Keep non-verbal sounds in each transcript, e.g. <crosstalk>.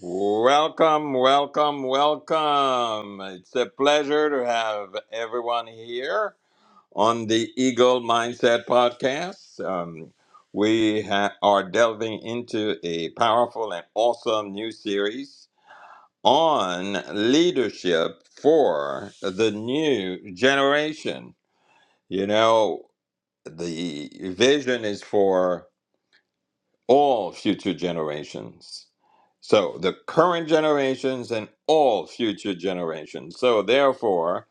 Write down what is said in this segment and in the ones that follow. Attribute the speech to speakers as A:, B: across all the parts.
A: Welcome, welcome, welcome. It's a pleasure to have everyone here on the Eagle Mindset Podcast. Um, we ha- are delving into a powerful and awesome new series on leadership for the new generation. You know, the vision is for all future generations. So the current generations and all future generations. So therefore,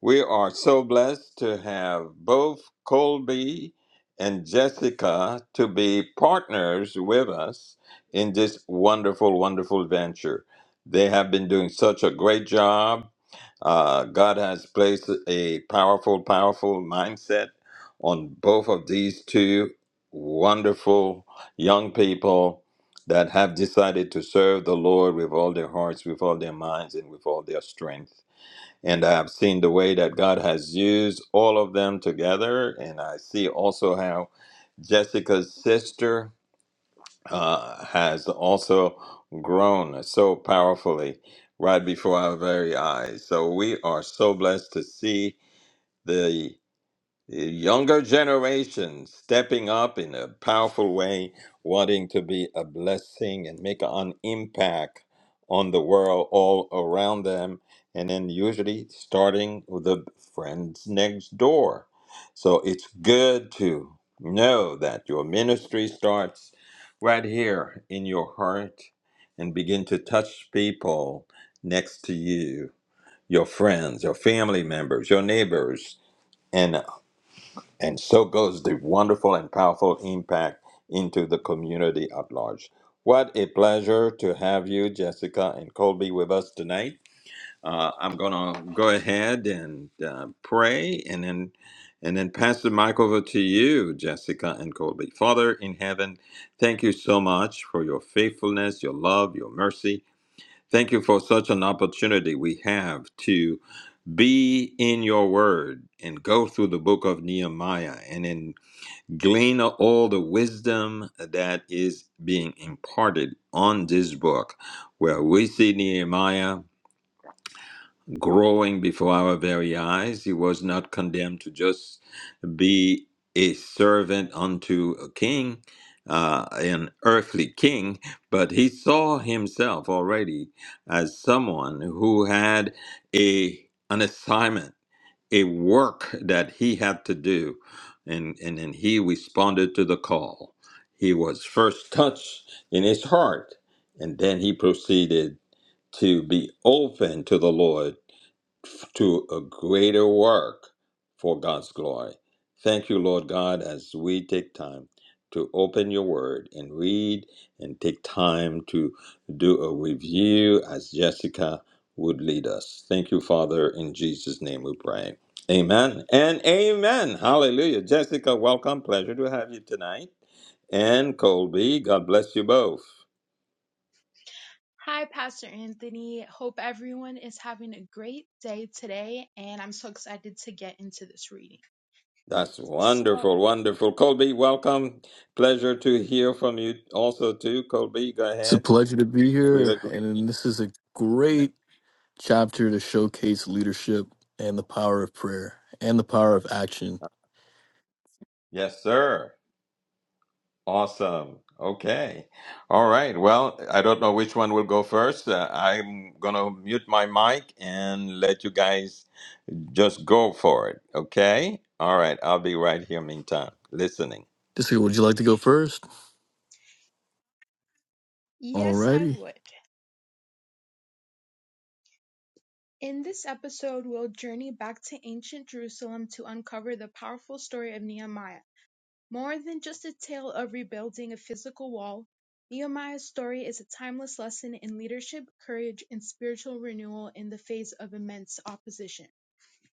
A: we are so blessed to have both Colby and Jessica to be partners with us in this wonderful, wonderful venture. They have been doing such a great job uh, God has placed a powerful, powerful mindset on both of these two wonderful young people that have decided to serve the Lord with all their hearts, with all their minds, and with all their strength. And I have seen the way that God has used all of them together. And I see also how Jessica's sister uh, has also grown so powerfully right before our very eyes. So we are so blessed to see the the younger generation stepping up in a powerful way, wanting to be a blessing and make an impact on the world all around them, and then usually starting with the friends next door. So it's good to know that your ministry starts right here in your heart and begin to touch people next to you, your friends, your family members, your neighbors. and. And so goes the wonderful and powerful impact into the community at large. What a pleasure to have you, Jessica and Colby, with us tonight. Uh, I'm going to go ahead and uh, pray and then. And then pass the mic over to you, Jessica and Colby. Father in heaven, thank you so much for your faithfulness, your love, your mercy. Thank you for such an opportunity we have to be in your word and go through the book of Nehemiah. And in glean all the wisdom that is being imparted on this book, where we see Nehemiah growing before our very eyes. He was not condemned to just be a servant unto a king, uh, an earthly king, but he saw himself already as someone who had a an assignment a work that he had to do and and, and he responded to the call he was first touched in his heart and then he proceeded to be open to the lord to a greater work for God's glory. Thank you, Lord God, as we take time to open your word and read and take time to do a review as Jessica would lead us. Thank you, Father. In Jesus' name we pray. Amen and amen. Hallelujah. Jessica, welcome. Pleasure to have you tonight. And Colby, God bless you both.
B: Hi, Pastor Anthony. Hope everyone is having a great day today, and I'm so excited to get into this reading.
A: That's
B: So,
A: wonderful, wonderful. Colby, welcome. Pleasure to hear from you also too. Colby, go
C: It's a
A: ahead
C: pleasure to be
A: with a
C: here,
A: greeting.
C: and this is a great chapter to showcase leadership and the power of prayer and the power of action.
A: Yes, sir. Awesome. Okay. All right. Well, I don't know which one will go first. Uh, I'm going to mute my mic and let you guys just go for it. Okay? All right. I'll be right here meantime, listening.
C: Jessica, would you like to go first?
B: yes, I
C: Alrighty.
B: would. In this episode, we'll journey back to ancient Jerusalem to uncover the powerful story of Nehemiah. More than just a tale of rebuilding a physical wall, Nehemiah's story is a timeless lesson in leadership, courage, and spiritual renewal in the face of immense opposition.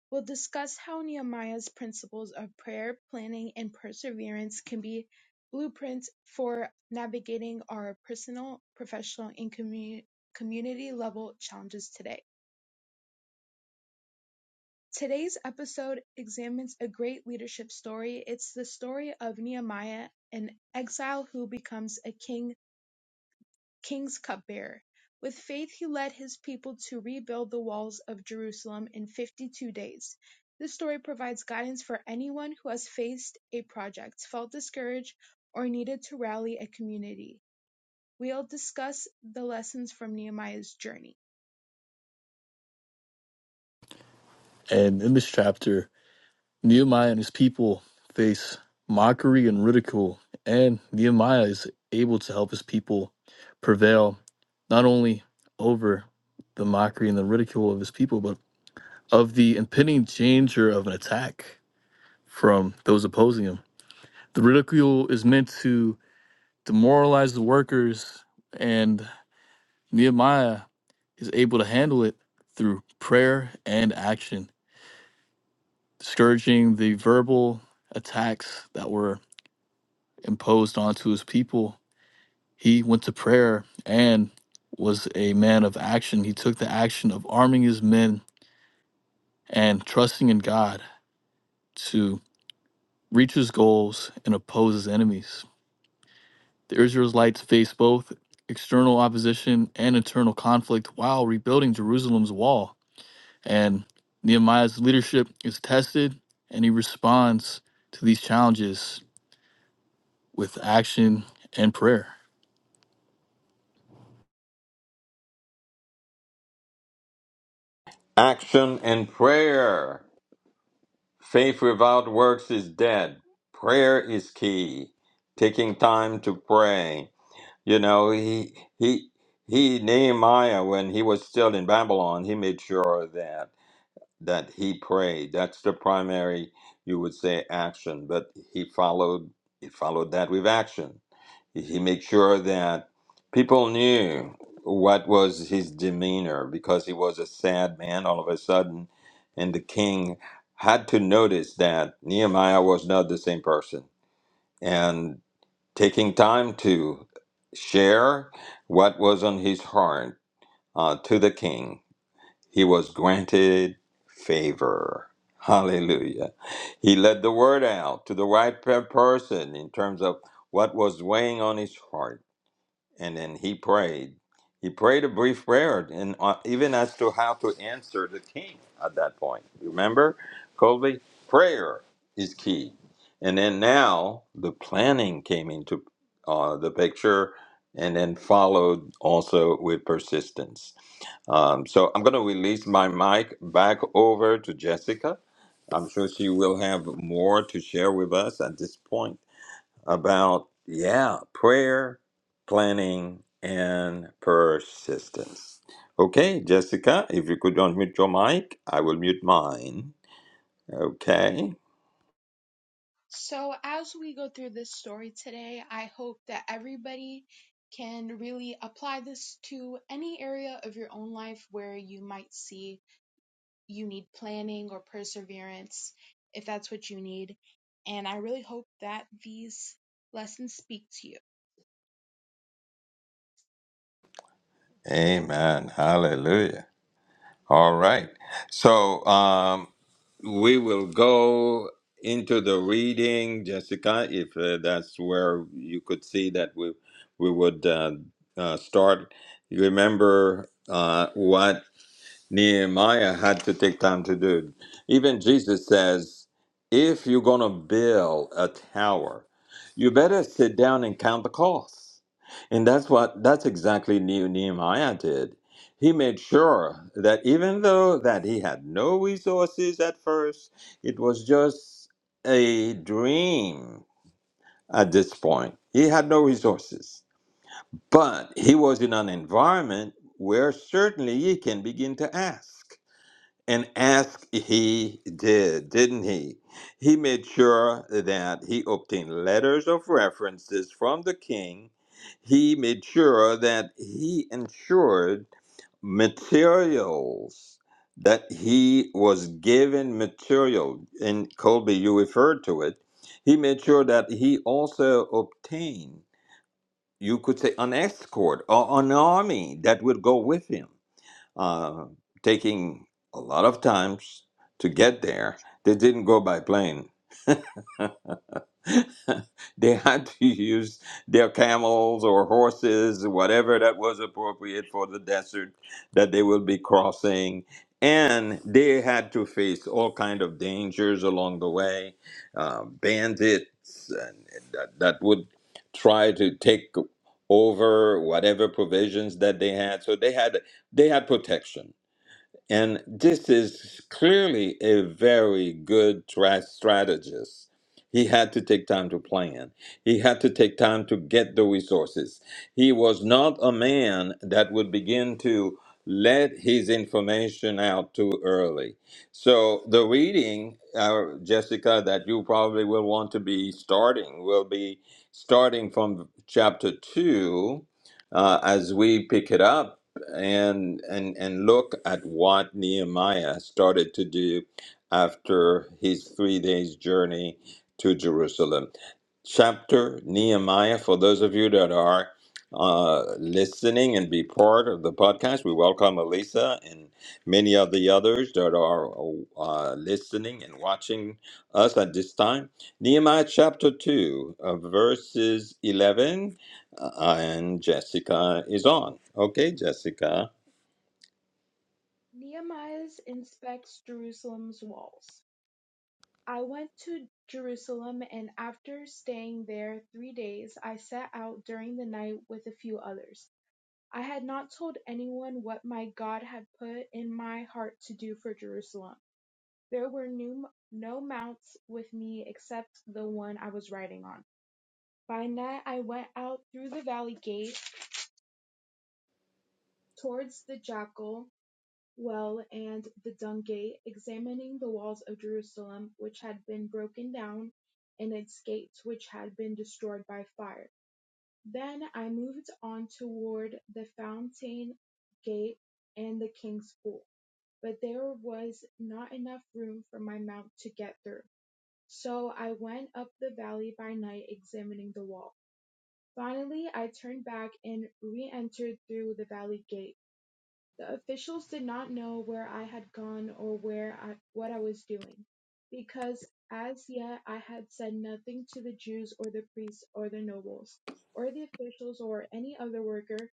B: We'll discuss how Nehemiah's principles of prayer, planning, and perseverance can be blueprints for navigating our personal, professional, and commu- community level challenges today. Today's episode examines a great leadership story. It's the story of Nehemiah, an exile who becomes a king king's cupbearer. With faith he led his people to rebuild the walls of Jerusalem in 52 days. This story provides guidance for anyone who has faced a project, felt discouraged, or needed to rally a community. We'll discuss the lessons from Nehemiah's journey.
C: And in this chapter, Nehemiah and his people face mockery and ridicule, and Nehemiah is able to help his people prevail not only over the mockery and the ridicule of his people, but of the impending danger of an attack from those opposing him. The ridicule is meant to demoralize the workers, and Nehemiah is able to handle it through prayer and action, discouraging the verbal attacks that were imposed onto his people. He went to prayer and was a man of action. He took the action of arming his men and trusting in God to reach his goals and oppose his enemies. The Israelites faced both external opposition and internal conflict while rebuilding Jerusalem's wall. And Nehemiah's leadership is tested, and he responds to these challenges with action and prayer.
A: Action and prayer. Faith without works is dead. Prayer is key. Taking time to pray. You know, he he he Nehemiah when he was still in Babylon, he made sure that that he prayed. That's the primary you would say action, but he followed he followed that with action he made sure that people knew what was his demeanor because he was a sad man all of a sudden and the king had to notice that nehemiah was not the same person and taking time to share what was on his heart uh, to the king he was granted favor hallelujah he let the word out to the right pe- person in terms of what was weighing on his heart and then he prayed. He prayed a brief prayer, and uh, even as to how to answer the king at that point. Remember, Colby, prayer is key. And then now the planning came into uh, the picture, and then followed also with persistence. Um, so I'm going to release my mic back over to Jessica. I'm sure she will have more to share with us at this point about, yeah, prayer, planning, and persistence. Okay, Jessica, if you could unmute your mic, I will mute mine. Okay.
B: So, as we go through this story today, I hope that everybody can really apply this to any area of your own life where you might see you need planning or perseverance, if that's what you need. And I really hope that these lessons speak to you.
A: Amen. Hallelujah. All right. So um, we will go into the reading, Jessica, if uh, that's where you could see that we, we would uh, uh, start. You remember uh, what? Nehemiah had to take time to do. Even Jesus says, if you're going to build a tower, you better sit down and count the costs. And that's what that's exactly Ne- Nehemiah did. He made sure that even though that he had no resources at first, it was just a dream at this point. He had no resources. But he was in an environment where certainly he can begin to ask. And ask he did, didn't he? He made sure that he obtained letters of references from the king. He made sure that he ensured materials, that he was given material. And Colby, you referred to it. He made sure that he also obtained, you could say, an escort or an army that would go with him uh, taking a lot of times to get there. They didn't go by plane. <laughs> They had to use their camels or horses, whatever that was appropriate for the desert that they will be crossing. And they had to face all kind of dangers along the way, uh, bandits and that, that would try to take over whatever provisions that they had. So they had they had protection and this is clearly a very good tra- strategist. He had to take time to plan. He had to take time to get the resources. He was not a man that would begin to let his information out too early. So, the reading, uh, Jessica, that you probably will want to be starting will be starting from chapter 2 uh, as we pick it up and and and look at what Nehemiah started to do after his three days journey to Jerusalem. Chapter Nehemiah. For those of you that are uh, listening and be part of the podcast, we welcome Elisa and many of the others that are uh, listening and watching us at this time. Nehemiah chapter two, uh, verses eleven uh, and Jessica is on. Okay, Jessica.
B: Nehemiah inspects Jerusalem's walls. I went to Jerusalem, and after staying there three days, I set out during the night with a few others. I had not told anyone what my God had put in my heart to do for Jerusalem. There were new, no mounts with me except the one I was riding on. By night I went out through the valley gate towards the Jackal well and the Dung gate, examining the walls of Jerusalem which had been broken down, and its gates which had been destroyed by fire. Then I moved on toward the Fountain gate and the King's pool, but there was not enough room for my mount to get through. So I went up the valley by night, examining the wall. Finally, I turned back and re-entered through the valley gate. The officials did not know where I had gone or where I, what I was doing, because as yet I had said nothing to the Jews or the priests or the nobles or the officials or any other worker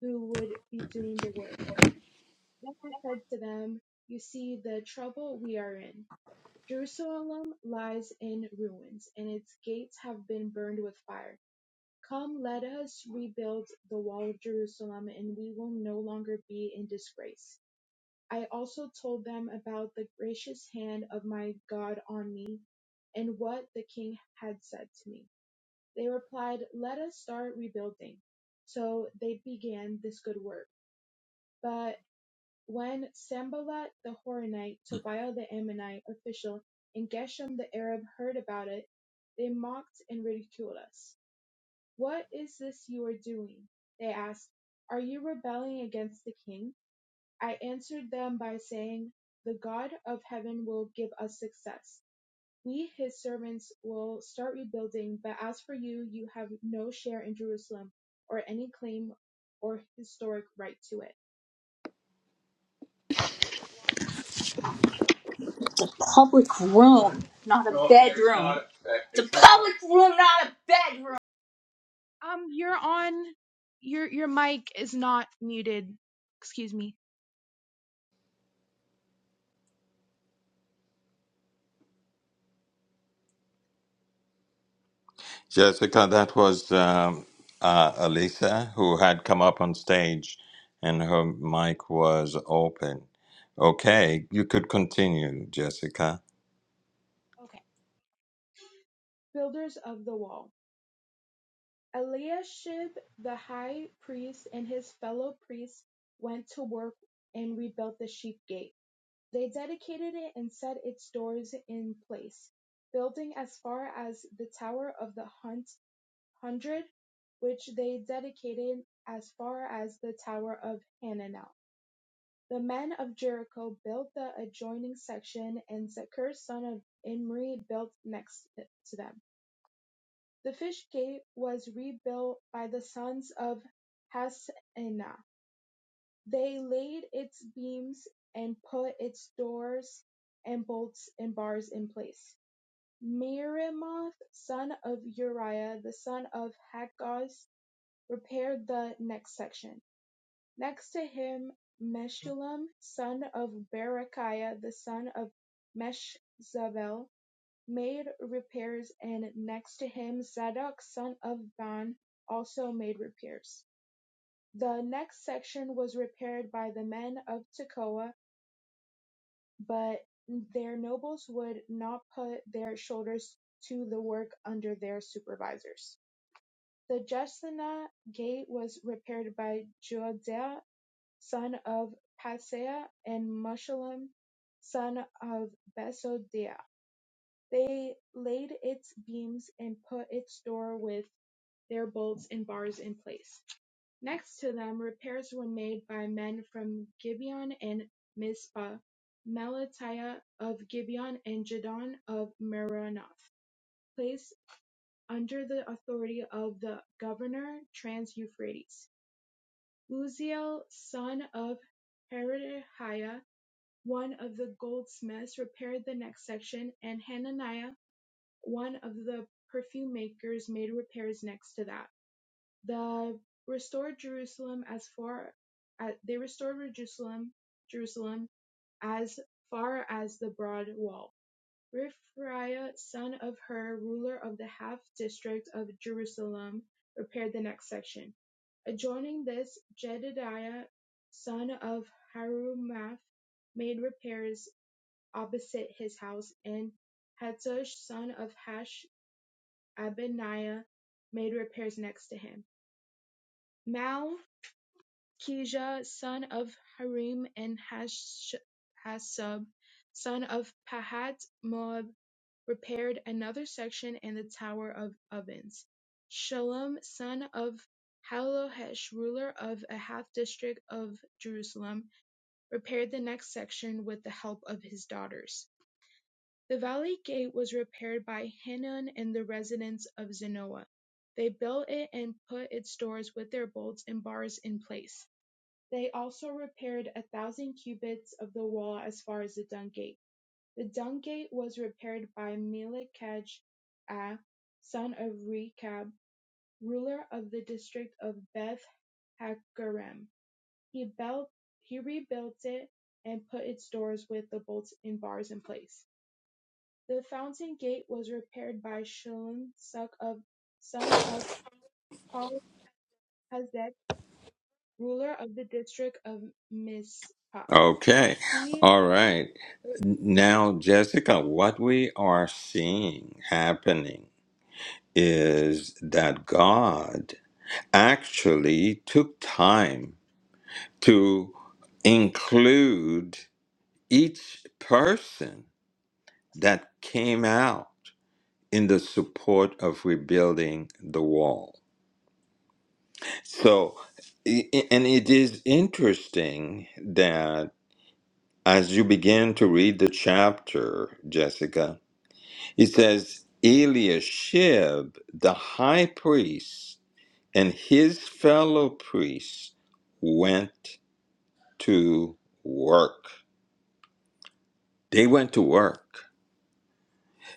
B: who would be doing the work. Then I said to them, You see the trouble we are in. Jerusalem lies in ruins, and its gates have been burned with fire. Come, let us rebuild the wall of Jerusalem, and we will no longer be in disgrace. I also told them about the gracious hand of my God on me and what the king had said to me. They replied, Let us start rebuilding. So they began this good work. But when Sambalat the Horonite, Tobiah the Ammonite official, and Geshem the Arab heard about it, they mocked and ridiculed us. What is this you are doing? They asked, Are you rebelling against the king? I answered them by saying, The God of heaven will give us success. We, his servants, will start rebuilding, but as for you, you have no share in Jerusalem or any claim or historic right to it.
D: It's a public room, not a bedroom. It's a public room, not a bedroom.
B: Um, you're on, your, your mic is not muted. Excuse me.
A: Jessica, that was um, uh, Alisa who had come up on stage and her mic was open. Okay, you could continue, Jessica.
B: Okay. Builders of the wall. Eliashib the high priest and his fellow priests went to work and rebuilt the sheep gate. They dedicated it and set its doors in place, building as far as the tower of the hunt, hundred, which they dedicated as far as the tower of Hananel. The men of Jericho built the adjoining section, and Zechar son of Imri built next to them. The fish gate was rebuilt by the sons of Hassana; they laid its beams and put its doors and bolts and bars in place. Meremoth, son of Uriah the son of Hakkoz, repaired the next section. Next to him Meshullam, son of Berechiah the son of Meshzabel made repairs and next to him Zadok son of Ban also made repairs. The next section was repaired by the men of Tekoa, but their nobles would not put their shoulders to the work under their supervisors. The Jeshanah gate was repaired by Joadiah son of Paseah and Meshullam son of Besodiah. They laid its beams and put its door with their bolts and bars in place. Next to them, repairs were made by men from Gibeon and Mizpah, Melatiah of Gibeon and Jadon of Meronoth, placed under the authority of the governor trans-Euphrates. Uziel, son of Herodiah, one of the goldsmiths, repaired the next section, and Hananiah One of the perfume makers made repairs next to that. The restored Jerusalem as far as, they restored Jerusalem, Jerusalem as far as the broad wall. Rephaiah, son of Hur, ruler of the half district of Jerusalem, repaired the next section. Adjoining this, Jedidiah, son of Harumaph, made repairs opposite his house, and Hattush, son of Hash, Abaniah made repairs next to him. Malchijah son of Harim and Hash- Hashub son of Pahat Moab repaired another section and the Tower of Ovens. Shalom son of Halohesh, ruler of Ahath district of Jerusalem, repaired the next section with the help of his daughters. The valley gate was repaired by Hanun and the residents of Zenoa. They built it and put its doors with their bolts and bars in place. They also repaired a thousand cubits of the wall as far as the dung gate. The dung gate was repaired by melikaj Ah, son of Rechab, ruler of the district of Beth Hakerem. He built, he rebuilt it and put its doors with the bolts and bars in place. The fountain gate was repaired by Shallum, son of Halohazek, ruler of the district of Mizpah.
A: Okay,
B: He,
A: all right. Now, Jessica, what we are seeing happening is that God actually took time to include each person that came out in the support of rebuilding the wall. So, i- i- and it is interesting that as you begin to read the chapter, Jessica, it says Eliashib, the high priest, and his fellow priests went to work. They went to work.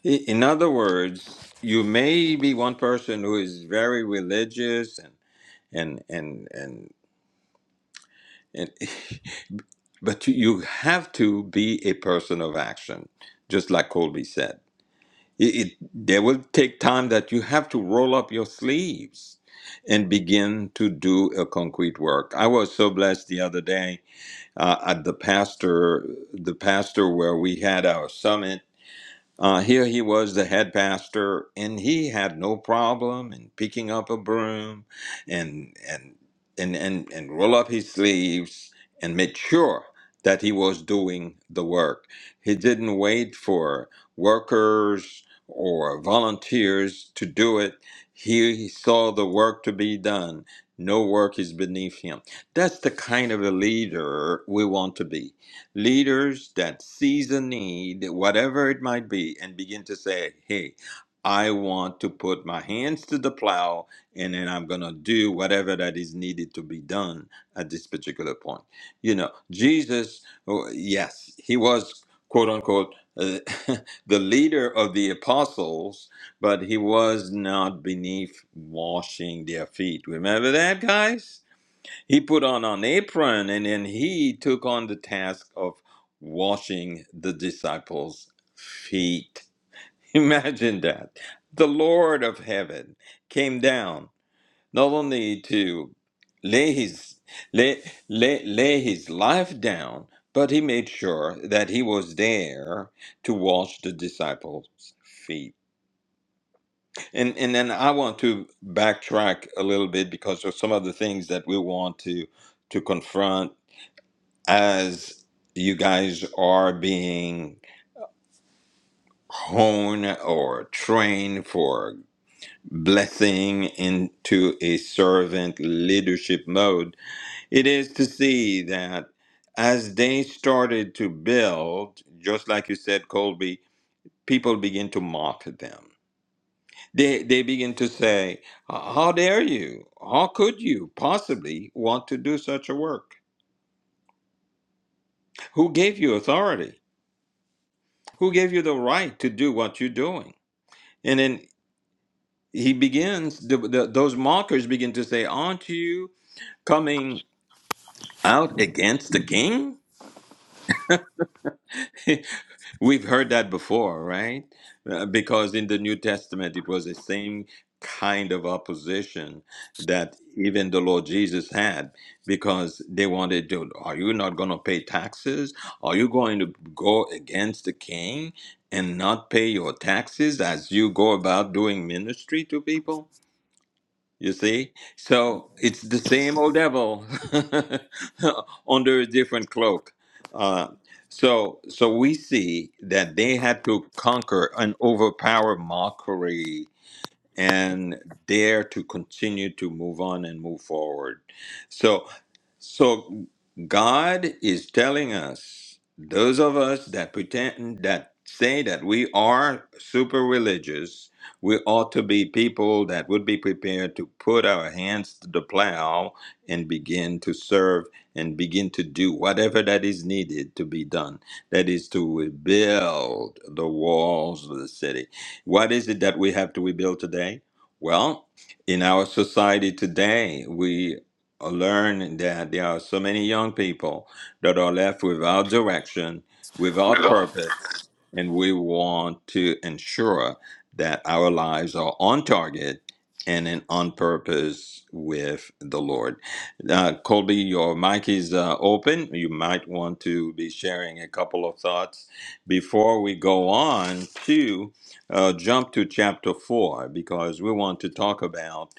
A: I- In other words, you may be one person who is very religious and and and and, and <laughs> but you you have to be a person of action, just like Colby said. It, it there will take time that you have to roll up your sleeves and begin to do a concrete work. I was so blessed the other day uh, at the pastor the pastor where we had our summit Uh, here he was the head pastor, and he had no problem in picking up a broom and and and and, and roll up his sleeves and make sure that he was doing the work. He didn't wait for workers or volunteers to do it. He, he saw the work to be done. No work is beneath him. That's the kind of a leader we want to be leaders that sees a need, whatever it might be, and begin to say, hey, I want to put my hands to the plow and then I'm going to do whatever that is needed to be done at this particular point. You know, Jesus, oh, yes, he was quote unquote uh, <laughs> the leader of the apostles, but he was not beneath washing their feet. Remember that, guys? He put on an apron and then he took on the task of washing the disciples' feet. <laughs> Imagine that. The Lord of heaven came down not only to lay his lay, lay, lay his life down, but he made sure that he was there to wash the disciples' feet. And and then I want to backtrack a little bit because of some of the things that we want to to confront as you guys are being honed or trained for blessing into a servant leadership mode, it is to see that as they started to build, just like you said, Colby, people begin to mock them. They, they begin to say, How dare you? How could you possibly want to do such a work? Who gave you authority? Who gave you the right to do what you're doing? And then he begins, the, the, those mockers begin to say, Aren't you coming out against the king? <laughs> We've heard that before, right? Uh, because in the New Testament, it was the same kind of opposition that even the Lord Jesus had because they wanted to, Are you not going to pay taxes? Are you going to go against the king and not pay your taxes as you go about doing ministry to people? You see? So it's the same old devil <laughs> under a different cloak. Uh, so so we see that they had to conquer and overpower mockery and dare to continue to move on and move forward. So, so God is telling us, those of us that pretend that say that we are super religious, we ought to be people that would be prepared to put our hands to the plow and begin to serve and begin to do whatever that is needed to be done. That is to rebuild the walls of the city what is it that we have to rebuild today? Well, in our society today, we learn that there are so many young people that are left without direction,
C: With
A: without
C: all.
A: purpose, and we want to ensure that our lives are on target and in on purpose with the Lord. Uh, Colby, your mic is uh, open. You might want to be sharing a couple of thoughts before we go on to uh, jump to chapter 4 because we want to talk about,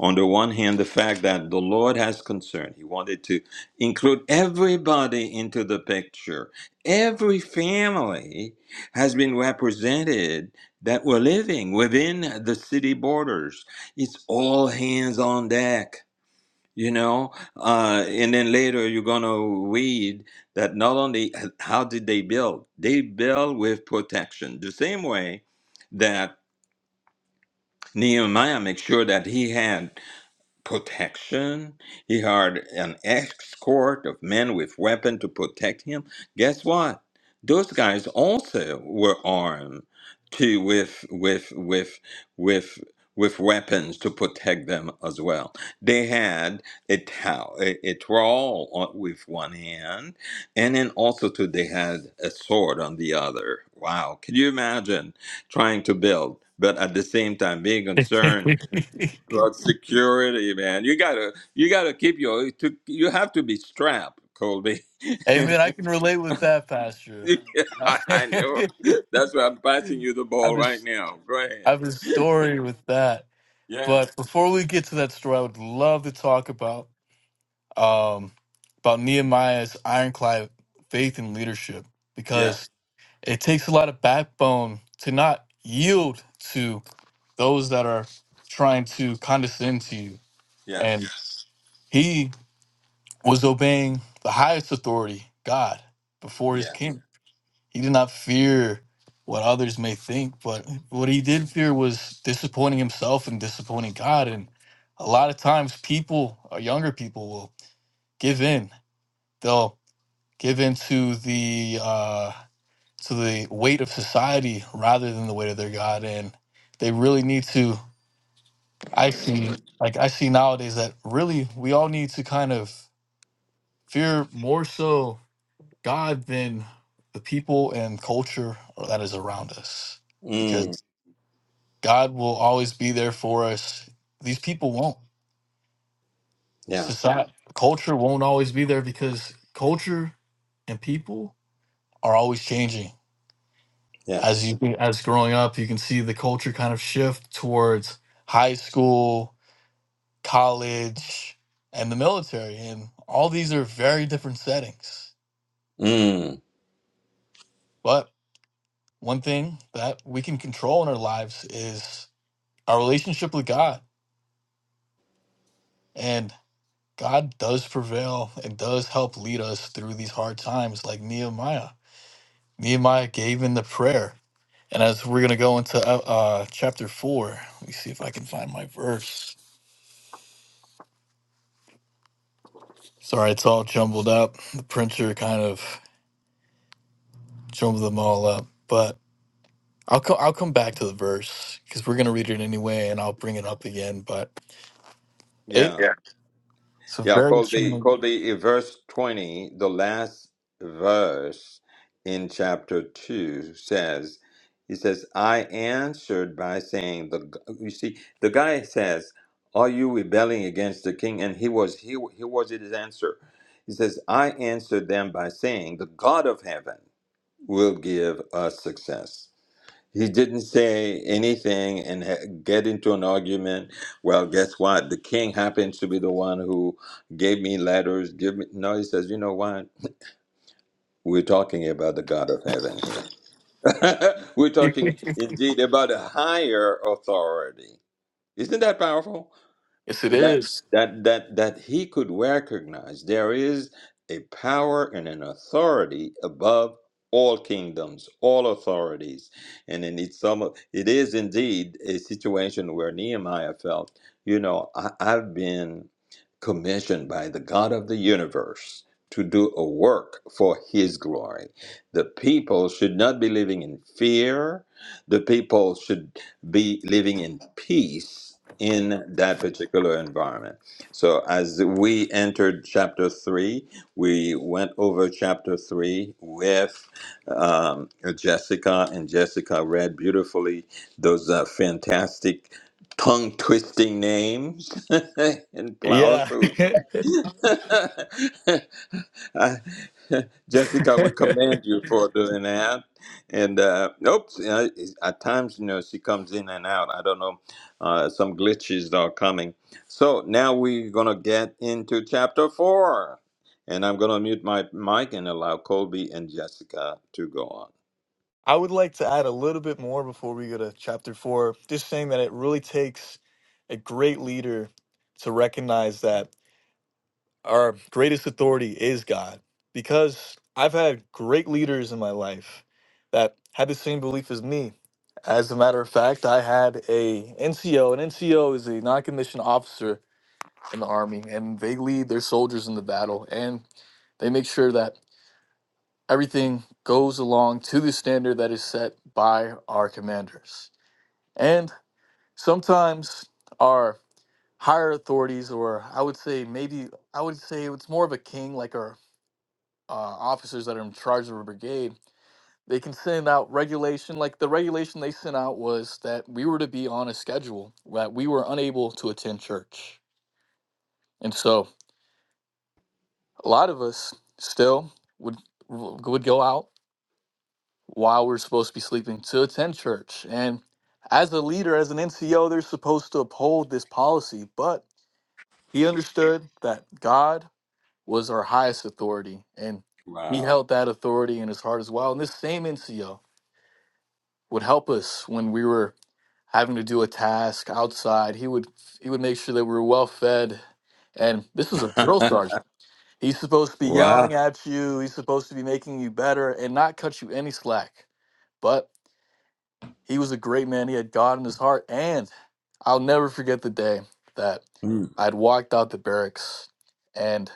A: on the one hand, the fact that the Lord has concern. He wanted to include everybody into the picture. Every family has been represented that were living within the city borders. It's all hands on deck. You know, uh, and then later you're gonna read that not only uh, how did they build, they build with protection. The same way that. Nehemiah make sure that he had protection. He hired an escort of men with weapons to protect him. Guess what? Those guys also were armed to with with with with with weapons to protect them as well. They had a towel, a, a trowel on- with one hand, and then also too they had a sword on the other. Wow, can you imagine trying to build, but at the same time being concerned? Well, security, man. You gotta, you gotta keep your. To, you have to be strapped, Colby. <laughs>
C: Amen.
A: I,
C: I can relate with that, Pastor. <laughs> I
A: I know. That's why I'm passing you the
C: have
A: ball
C: a,
A: right
C: s-
A: now. Go
C: I
A: ahead.
C: have a story with that.
A: Yeah.
C: But before we get to that story, I would love to talk about um, about Nehemiah's ironclad faith and leadership
A: Yeah.
C: because. it takes a lot of backbone to not yield to those that are trying to condescend to you. And
A: Yes.
C: Yes. he was obeying the highest authority, God, before his
A: Yeah.
C: king. He did not fear what others may think, but what he did fear was disappointing himself and disappointing God. And a lot of times, people or younger people will give in. They'll give in to the uh, to the weight of society rather than the weight of their God. And they really need to, I see, like I see nowadays that really we all need to kind of fear more so God than the people and culture that is around us
A: Mm.
C: because God will always be there for us. These people won't.
A: Yeah.
C: Society, culture won't always be there because culture and people are always changing as
A: Yes.
C: you as growing up you can see the culture kind of shift towards high school college and the military and all these are very different settings
A: Mm.
C: but one thing that we can control in our lives is our relationship with god and god does prevail and does help lead us through these hard times like nehemiah nehemiah gave in the prayer and as we're going to go into uh, uh, chapter 4 let me see if i can find my verse Sorry, it's all jumbled up. The printer kind of jumbled them all up, but I'll come. I'll come back to the verse because we're gonna read it anyway, and I'll bring it up again. But it
A: Yeah.
C: Yeah. it's a
A: Yeah,
C: very
A: Colby,
C: challenging.
A: Colby, in verse 20, the last verse in chapter 2 says, He says, I answered by saying, the g- You see, the guy says, Are you rebelling against the king? And he was, he, he was his answer. He says, I answered them by saying, The God of heaven will give us success. He didn't say anything and ha- get into an argument. Well, guess what? The king happens to be the one who gave me letters. Give me no. He says, you know what? We're talking about the God of heaven here. <laughs> We're
C: <laughs>
A: talking indeed about a higher authority. Isn't that powerful?
C: Yes, it
A: that
C: is.
A: that that that he could recognize there is a power and an authority above all kingdoms all authorities and in it's some it is indeed a situation where nehemiah felt you know I, i've been commissioned by the god of the universe to do a work for his glory the people should not be living in fear the people should be living in peace in that particular environment. So as we entered chapter three, we went over chapter three with um, Jessica, and Jessica read beautifully those uh, fantastic tongue twisting names <laughs> in flower
C: Yeah.
A: food.
C: <laughs>
A: <laughs> I, <laughs> Jessica, we commend you for doing that. And uh, oops, you know, it's- at times you know she comes in and out. I don't know, uh, some glitches are coming. So now we're gonna get into chapter four, and I'm gonna mute my mic and allow Colby and Jessica to go on.
C: I would like to add a little bit more before we go to chapter four. Just saying that it really takes a great leader to recognize that. our greatest authority is God because I've had great leaders in my life that had the same belief as me. As a matter of fact, I had a NCO. An NCO is a non-commissioned officer in the army, and they lead their soldiers in the battle, and they make sure that everything goes along to the standard that is set by our commanders. And sometimes our higher authorities, or I would say maybe I would say it's more of a king, like our uh, officers that are in charge of a brigade, they can send out regulation. Like the regulation they sent out was that we were to be on a schedule, that we were unable to attend church. And so a lot of us still would would go out while we're supposed to be sleeping to attend church. And as a leader, as an NCO, they're supposed to uphold this policy. But he understood that God was our highest authority and he
A: Wow!
C: held that authority in his heart as well. And this same NCO would help us when we were having to do a task outside. He would he would make sure that we were well fed. And this is a
A: <laughs>
C: drill sergeant. He's supposed to be yelling
A: wow!
C: at you. He's supposed to be making you better and not cut you any slack. But he was a great man. He had God in his heart. And I'll never forget the day that
A: Mm.
C: I'd walked out the barracks and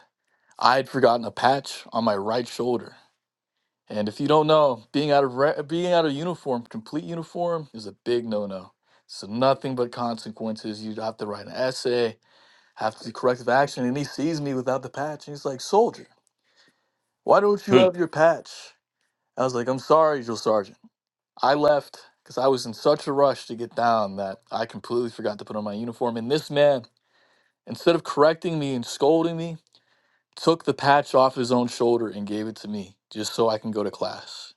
C: I had forgotten a patch on my right shoulder and if you don't know, being out of re- being out of uniform, complete uniform, is a big no-no. So nothing but consequences. You'd have to write an essay, have to do corrective action. And he sees me without the patch, and he's like, "Soldier, why don't you
A: Hmm.
C: have your patch?" I was like, "I'm sorry, drill sergeant. I left because I was in such a rush to get down that I completely forgot to put on my uniform." And this man, instead of correcting me and scolding me, took the patch off his own shoulder and gave it to me just so I can go to class.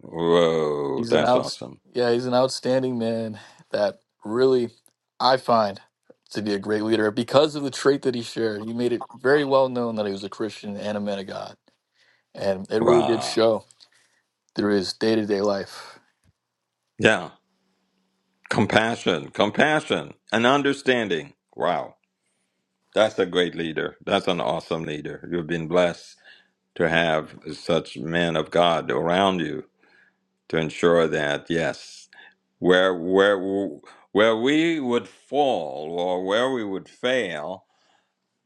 A: Whoa!
C: He's an
A: That's
C: out,
A: awesome!
C: yeah, he's an outstanding man that really I find to be a great leader because of the trait that he shared. He made it very well known that he was a Christian and a man of God, and it really did
A: Wow!
C: show through his day to day life.
A: Yeah, compassion, compassion, and understanding. Wow! That's a great leader. That's an awesome leader. You've been blessed to have such men of God around you to ensure that yes, where where where we would fall or where we would fail,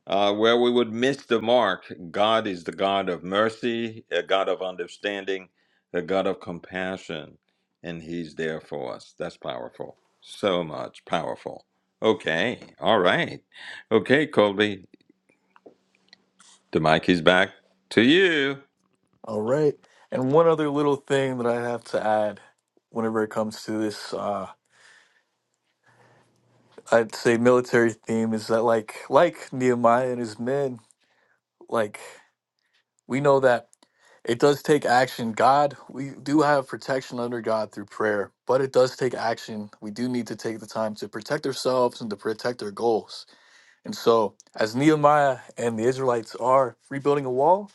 A: uh, where we would miss the mark, God is the God of mercy, a God of understanding, a God of compassion, and He's there for us. That's powerful. So much powerful. Okay, all right. Okay, Colby. The mic is back to you.
C: All right, and one other little thing that I have to add, whenever it comes to this, uh, I'd say military theme is that like like Nehemiah and his men, like we know that. It does take action. God, we do have protection under God through prayer, but it does take action. We do need to take the time to protect ourselves and to protect our goals. And so, as Nehemiah and the Israelites are rebuilding a wall,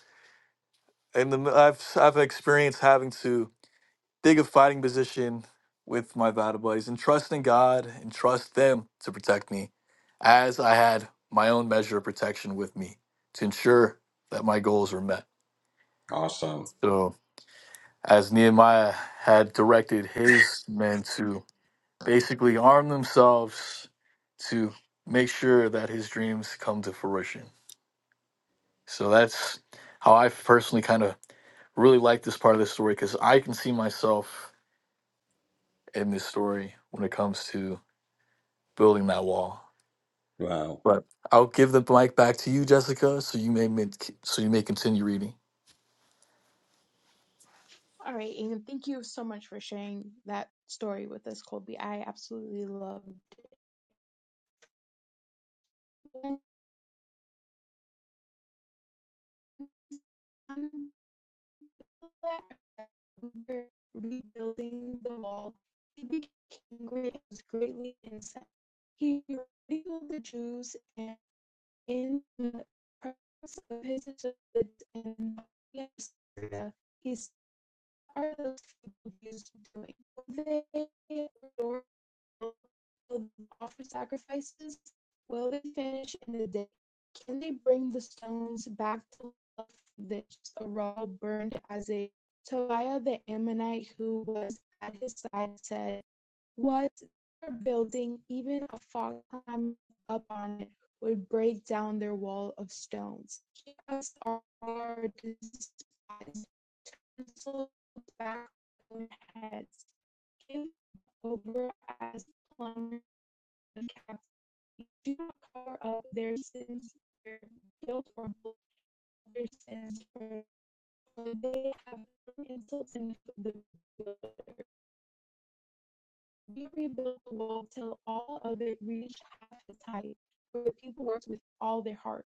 C: and the, I've I've experienced having to dig a fighting position with my battle buddies and trusting God and trust them to protect me, as I had my own measure of protection with me to ensure that my goals were met.
A: Awesome.
C: So. as Nehemiah had directed his men to basically arm themselves to make sure that his dreams come to fruition. So that's how I personally kind of really like this part of the story because I can see myself in this story when it comes to building that wall.
A: Wow.
C: But I'll give the mic back to you, Jessica, so you may mid- so you may continue reading.
B: all right, and thank you so much for sharing that story with us, Colby. I absolutely loved it. Um, rebuilding the wall, he became great, was greatly incensed. He ridiculed the Jews and. in the process of his assistance in Syria, he started those people used to doing. They were will offer sacrifices? Will they finish in the day? Can they bring the stones back to life that Saul burned as a Tobiah the Ammonite who was at his side said, What they're building, even a fog climbing up on it, would break down their wall of stones. Give us our Lord, pencils back on their heads. Give over as plumbers and captains. Do not cover up their sins, their guilt, or their sins, for they have insults and the builder. We rebuild the wall till all of it reached half its height, for the people worked with all their heart.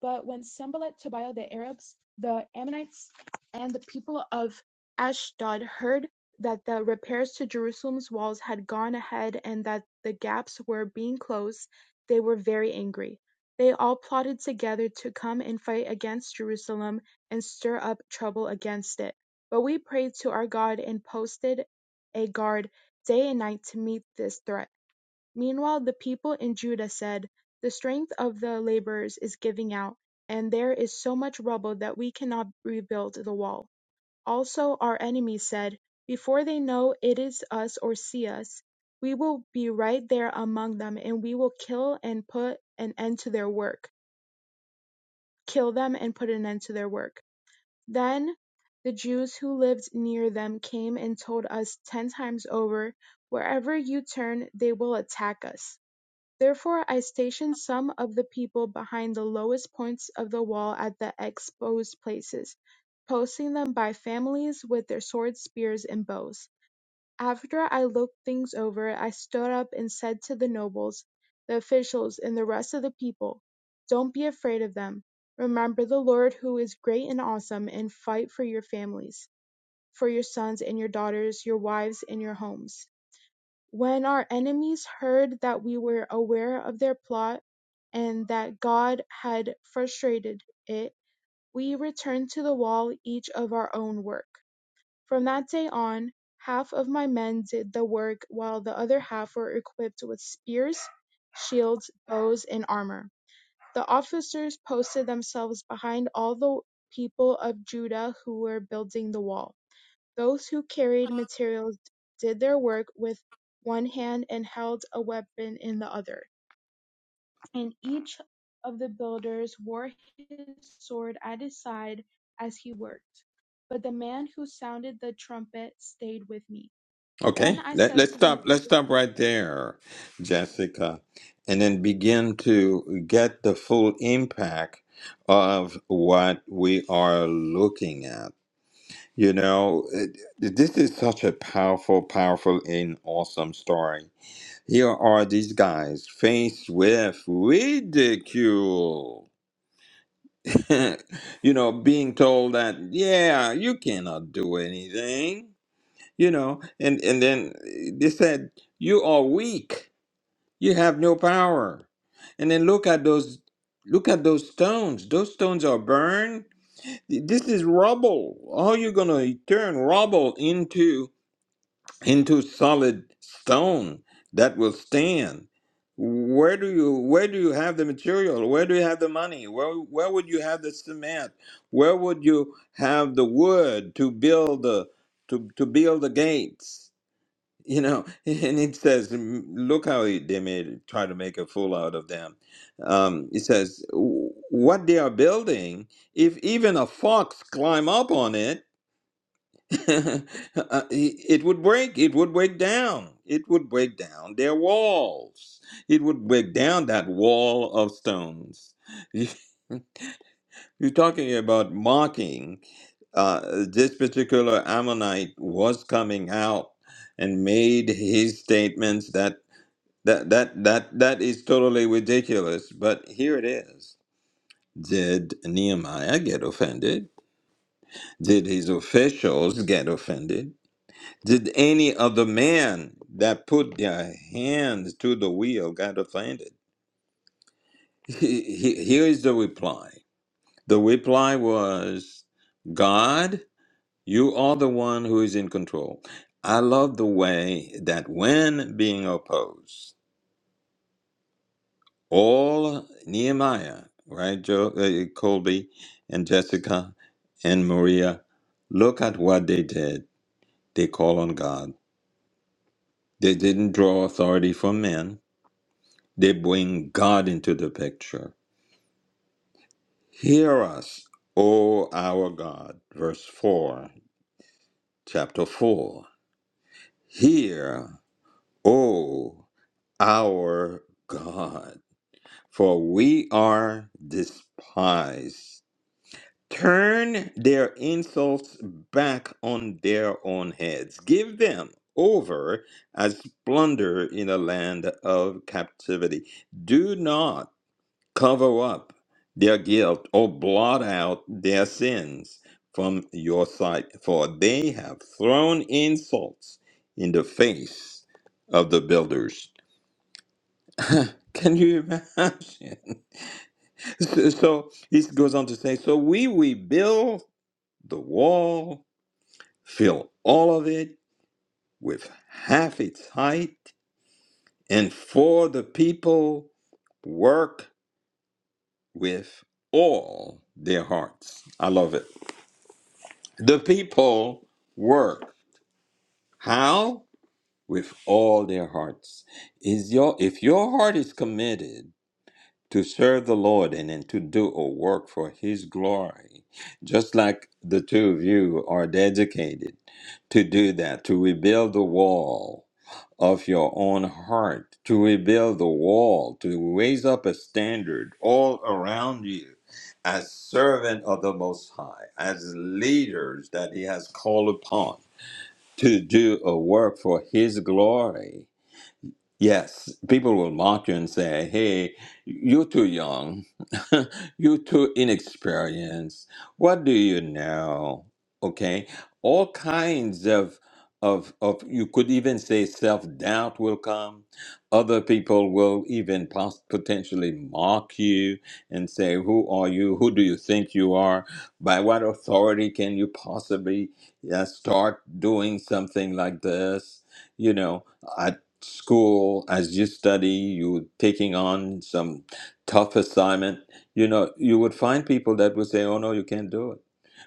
B: But when Sanballat, Tobiah, the Arabs, the Ammonites, and the people of Ashdod heard that the repairs to Jerusalem's walls had gone ahead and that the gaps were being closed, they were very angry. They all plotted together to come and fight against Jerusalem and stir up trouble against it. But we prayed to our God and posted a guard day and night to meet this threat. Meanwhile the people in Judah said, The strength of the laborers is giving out, and there is so much rubble that we cannot rebuild the wall. Also our enemies said, Before they know it is us or see us, we will be right there among them, and we will kill and put an end to their work. Kill them and put an end to their work. Then the Jews who lived near them came and told us ten times over, Wherever you turn, they will attack us. Therefore I stationed some of the people behind the lowest points of the wall at the exposed places, posting them by families with their swords, spears, and bows. After I looked things over, I stood up and said to the nobles, the officials, and the rest of the people, Don't be afraid of them. Remember the Lord who is great and awesome, and fight for your families, for your sons and your daughters, your wives and your homes. When our enemies heard that we were aware of their plot and that God had frustrated it, we returned to the wall each of our own work. From that day on, half of my men did the work while the other half were equipped with spears, shields, bows, and armor. The officers posted themselves behind all the people of Judah who were building the wall. Those who carried materials did their work with one hand and held a weapon in the other, and each of the builders wore his sword at his side as he worked. But the man who sounded the trumpet stayed with me. Then
A: Okay.
B: I
A: Let,
B: said
A: let's
B: to the
A: stop. Let's stop right there, Jessica, and then begin to get the full impact of what we are looking at. You know, it- this is such a powerful, powerful, and awesome story. Here are these guys faced with ridicule <laughs> you know, being told that, yeah, you cannot do anything, you know, and, and then eh, they said, you are weak, you have no power. And then look at those, look at those stones. Those stones are burned. This is rubble. How are you going to turn rubble into? into solid stone that will stand. Where do you where do you have the material? Where do you have the money? Where where would you have the cement? Where would you have the wood to build the to, to build the gates? You know, <laughs> and it says, mm, look how he, they made try to make a fool out of them. Um, it says, "Wh- what they are building, if even a fox climb up on it, <laughs> Uh, it would break it would break down it would break down their walls it would break down that wall of stones <laughs> you're talking about mocking uh, this particular ammonite was coming out and made his statements that that that that that is totally ridiculous but here it is did nehemiah get offended did his officials get offended Did any other man that put their hands to the wheel got offended? He- he- Here is the reply. The reply was, God, you are the one who is in control. I love the way that when being opposed, all Nehemiah, right, Joe, uh, Colby and Jessica and Maria, look at what they did. They call on God. They didn't draw authority from men They bring God into the picture. Hear us, O our God. Verse 4, chapter 4. Hear, O our God, for we are despised. Turn their insults back on their own heads. Give them over as plunder in a land of captivity. Do not Cover up their guilt or blot out their sins from your sight, for they have thrown insults in the face of the builders. <laughs> Can you imagine? <laughs> So so he goes on to say, So we rebuild the wall, fill all of it with half its height, and for the people work with all their hearts. I love it. The people work. How? With all their hearts. Is your if your heart is committed to serve the Lord and then to do a work for his glory, just like the two of you are dedicated to do that, to rebuild the wall of your own heart, to rebuild the wall, to raise up a standard all around you as servant of the most high, as leaders that he has called upon to do a work for his glory. Yes, people will mock you and say, hey, you're too young. <laughs> you're too inexperienced. What do you know? Okay. All kinds of, of, of you could even say self doubt will come. Other people will even pos- potentially mock you and say, Who are you? Who do you think you are? By what authority can you possibly uh, start doing something like this? You know, school as you study you were taking on some tough assignment you know you would find people that would say oh no you can't do it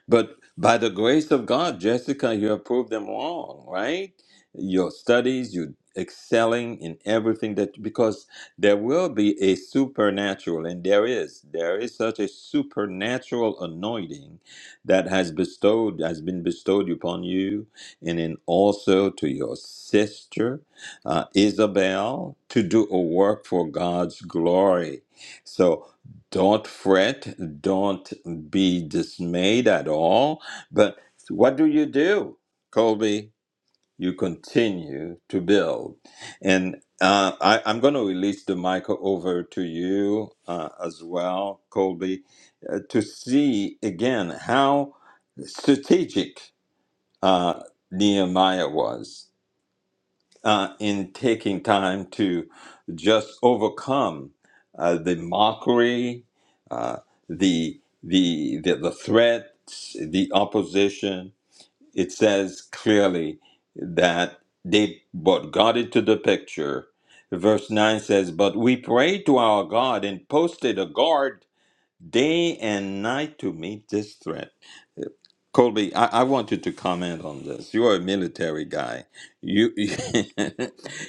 A: but by the grace of God, Jessica, you have proved them wrong, right? Your studies, you excelling in everything that because there will be a supernatural and there is there is such a supernatural anointing that has bestowed has been bestowed upon you and then also to your sister uh, Isabel to do a work for God's glory. So don't fret, don't be dismayed at all. But what do you do, Colby? You continue to build. And uh, I, I'm going to release the mic over to you uh, as well, Colby, uh, to see again how strategic uh, Nehemiah was uh, in taking time to just overcome uh, the mockery, uh, the, the, the, the threats, the opposition. It says clearly that they brought God into the picture. Verse 9 says, But we prayed to our God and posted a guard day and night to meet this threat Colby, I, I want you to comment on this. You are a military guy. You, <laughs>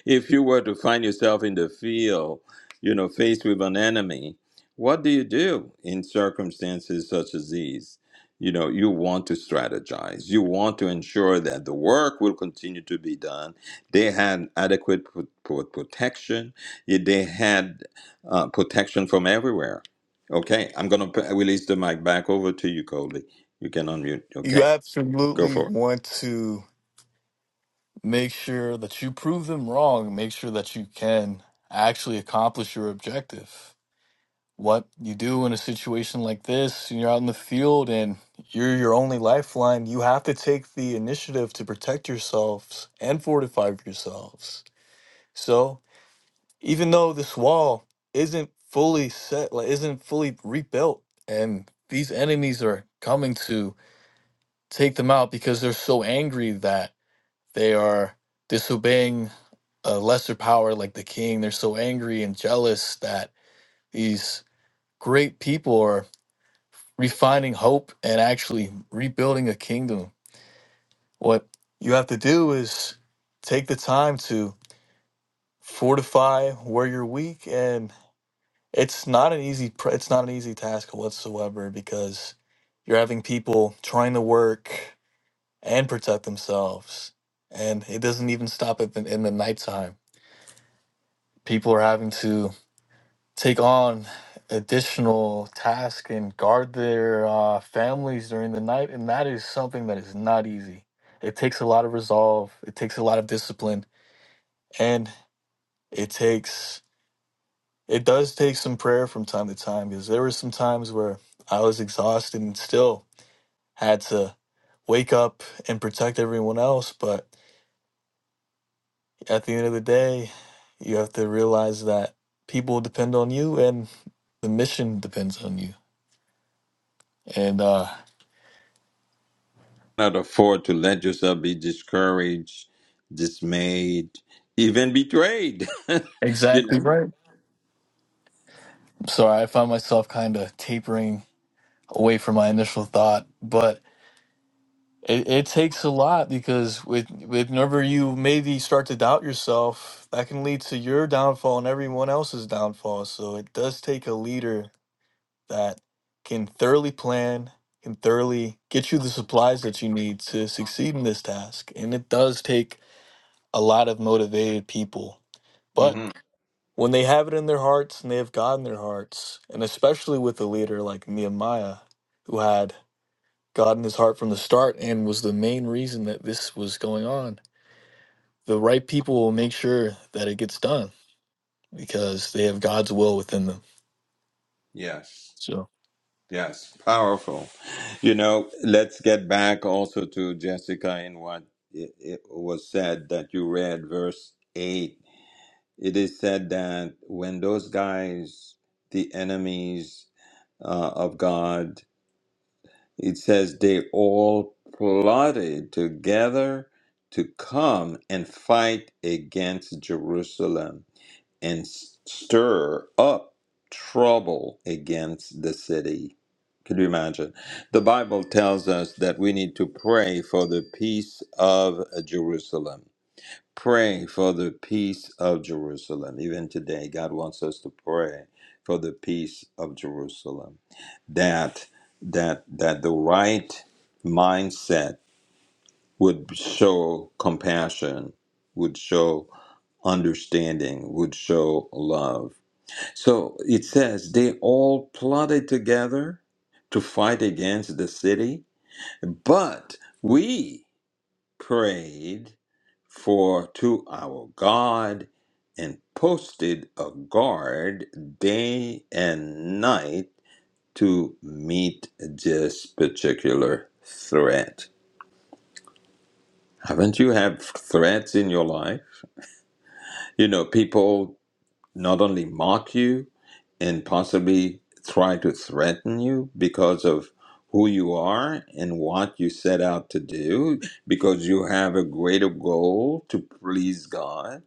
A: if you were to find yourself in the field, you know, faced with an enemy, what do you do in circumstances such as these? You know, you want to strategize. You want to ensure that the work will continue to be done. They had adequate pro- pro- protection. Yeah, They had uh, protection from everywhere. Okay, I'm going to release the mic back over to you, Colby. You can unmute.
C: You
A: Okay, go
C: absolutely
A: for it.
C: want to. make sure that you prove them wrong, make sure that you can actually accomplish your objective. What you do in a situation like this, you're out in the field and you're your only lifeline, you have to take the initiative to protect yourselves and fortify yourselves. So, even though this wall isn't fully set, like isn't fully rebuilt, and these enemies are coming to take them out because they're so angry that they are disobeying a lesser power like the king. They're so angry and jealous that these great people are refining hope and actually rebuilding a kingdom. What you have to do is take the time to fortify where you're weak and it's not an easy pr- it's not an easy task whatsoever because you're having people trying to work and protect themselves and it doesn't even stop at the, in the nighttime people are having to take on additional tasks and guard their uh, families during the night, and that is something that is not easy. It takes a lot of resolve, it takes a lot of discipline, and it takes it does take some prayer from time to time because there were some times where I was exhausted and still had to wake up and protect everyone else. But at the end of the day, you have to realize that people depend on you and the mission depends on you. And uh,
A: Not afford to let yourself be discouraged, dismayed, even betrayed. <laughs> you
C: exactly
A: know.
C: right. So I found myself kind of tapering away from my initial thought, but it, it takes a lot because with with whenever you maybe start to doubt yourself, that can lead to your downfall and everyone else's downfall. So it does take a leader that can thoroughly plan, can thoroughly get you the supplies that you need to succeed in this task. And it does take a lot of motivated people. But
A: hmm
C: When they have it in their hearts and they have God in their hearts, and especially with a leader like Nehemiah, who had God in his heart from the start and was the main reason that this was going on, the right people will make sure that it gets done because they have God's will within them.
A: Yes.
C: So,
A: Yes. Powerful. You know. Let's get back also to Jessica and what it, it was said that you read verse eight. It is said that when those guys, the enemies uh, of God, It says they all plotted together to come and fight against Jerusalem and stir up trouble against the city. Could you imagine? The Bible tells us that we need to pray for the peace of Jerusalem praying for the peace of Jerusalem. Even today, God wants us to pray for the peace of Jerusalem. That that that the right mindset would show compassion, would show understanding, would show love. So it says they all plotted together to fight against the city, but we prayed for to our God and posted a guard day and night to meet this particular threat. Haven't you had threats in your life? You know, people not only mock you and possibly try to threaten you because of who you are and what you set out to do, because you have a greater goal to please God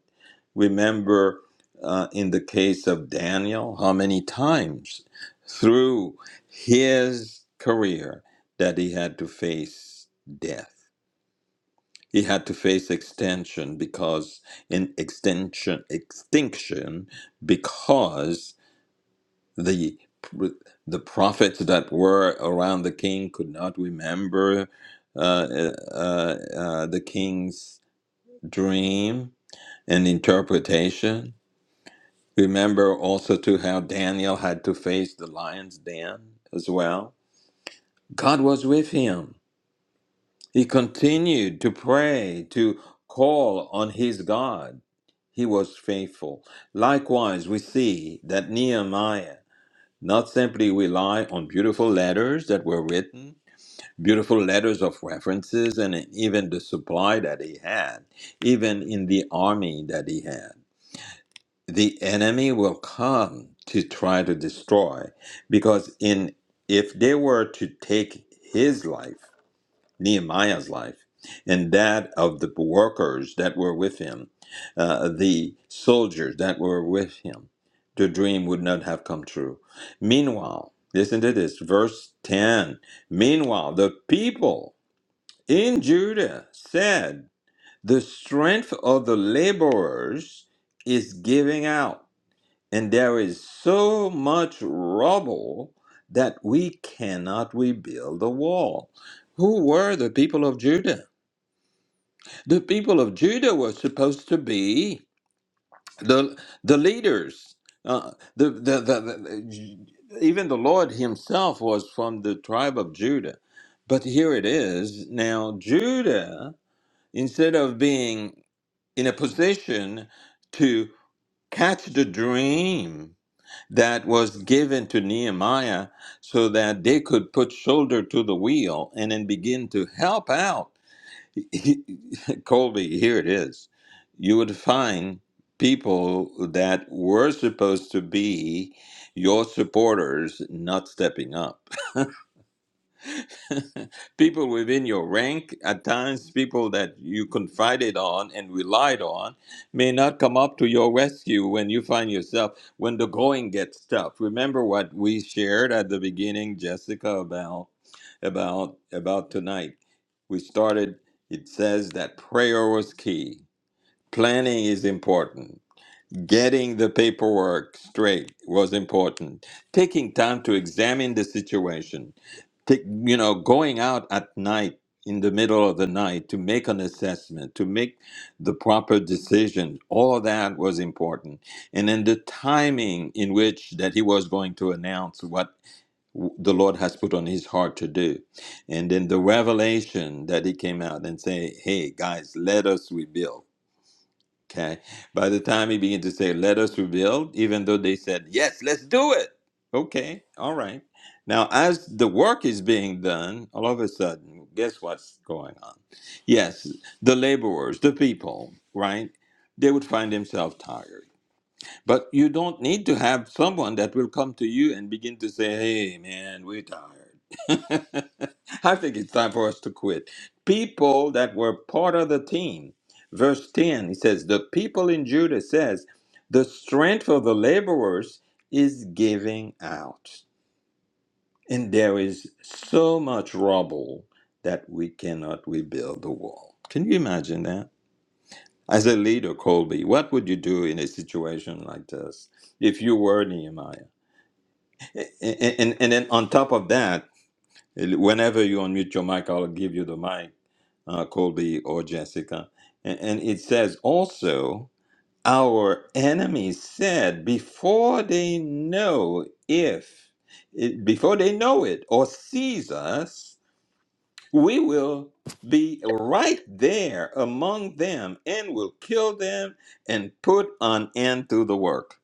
A: Remember, uh, in the case of Daniel, how many times through his career that he had to face death. He had to face extension because in extension extinction because the the prophets that were around the king could not remember uh, uh, uh, uh, the king's dream and interpretation Remember also too how Daniel had to face the lion's den as well. God was with him. He continued to pray, to call on his God. He was faithful. Likewise, we see that Nehemiah not simply rely on beautiful letters that were written, beautiful letters of references, and even the supply that he had, even in the army that he had. the enemy will come to try to destroy because in if they were to take his life nehemiah's life and that of the workers that were with him uh, the soldiers that were with him the dream would not have come true meanwhile listen to this verse 10 meanwhile the people in judah said the strength of the laborers is giving out and there is so much rubble that we cannot rebuild the wall. Who were the people of Judah? The people of Judah were supposed to be the, the leaders. Uh, the, the, the, the, even the Lord himself was from the tribe of Judah. But here it is. Now, Judah, instead of being in a position to catch the dream that was given to Nehemiah so that they could put shoulder to the wheel and then begin to help out. <laughs> Colby, here it is. You would find people that were supposed to be your supporters not stepping up people within your rank, at times people that you confided on and relied on, may not come up to your rescue when you find yourself when the going gets tough. Remember what we shared at the beginning, Jessica, about about about tonight. We started. It says that prayer was key. Planning is important Getting the paperwork straight was important. Taking time to examine the situation. Take, you know, going out at night in the middle of the night to make an assessment, to make the proper decision. All of that was important. And then the timing in which that he was going to announce what w- the Lord has put on his heart to do. And then the revelation that he came out and say, "Hey guys, let us rebuild." Okay. By the time he began to say, let us rebuild, even though they said, yes, let's do it. Okay. All right. Now, as the work is being done, all of a sudden, guess what's going on? Yes, the laborers, the people, right? They would find themselves tired. But you don't need to have someone that will come to you and begin to say, hey, man, we're tired. <laughs> I think it's time for us to quit. People that were part of the team. Verse 10, he says, The people in Judah says, The strength of the laborers is giving out, and there is so much rubble that we cannot rebuild the wall. Can you imagine that? As a leader, Colby, what would you do in a situation like this if you were Nehemiah? And, and, and then on top of that, whenever you unmute your mic, I'll give you the mic, uh, Colby or Jessica. And, and it says also, our enemies said before they know if, it, before they know it or sees us, we will be right there among them and will kill them and put an end to the work.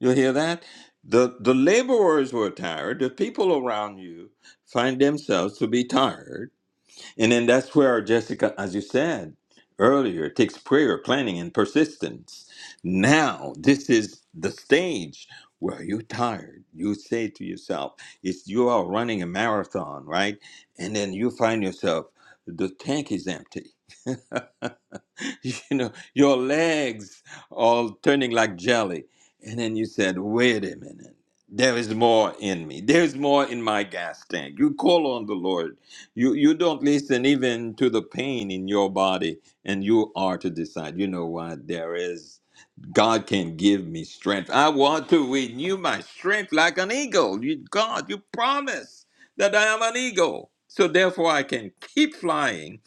A: You hear that? The, the laborers were tired. The people around you find themselves to be tired and then that's where Jessica, as you said earlier, it takes prayer, planning, and persistence. Now, this is the stage where you're tired. You say to yourself, it's you are running a marathon, right? And then you find yourself, the tank is empty. <laughs> <laughs> you know, your legs all turning like jelly. And then you said, wait a minute. There is more in me. There is more in my gas tank. You call on the Lord. You you don't listen even to the pain in your body, and you are to decide. You know what? There is. God can give me strength. I want to renew my strength like an eagle. You, God, you promise that I am an eagle. So therefore, I can keep flying.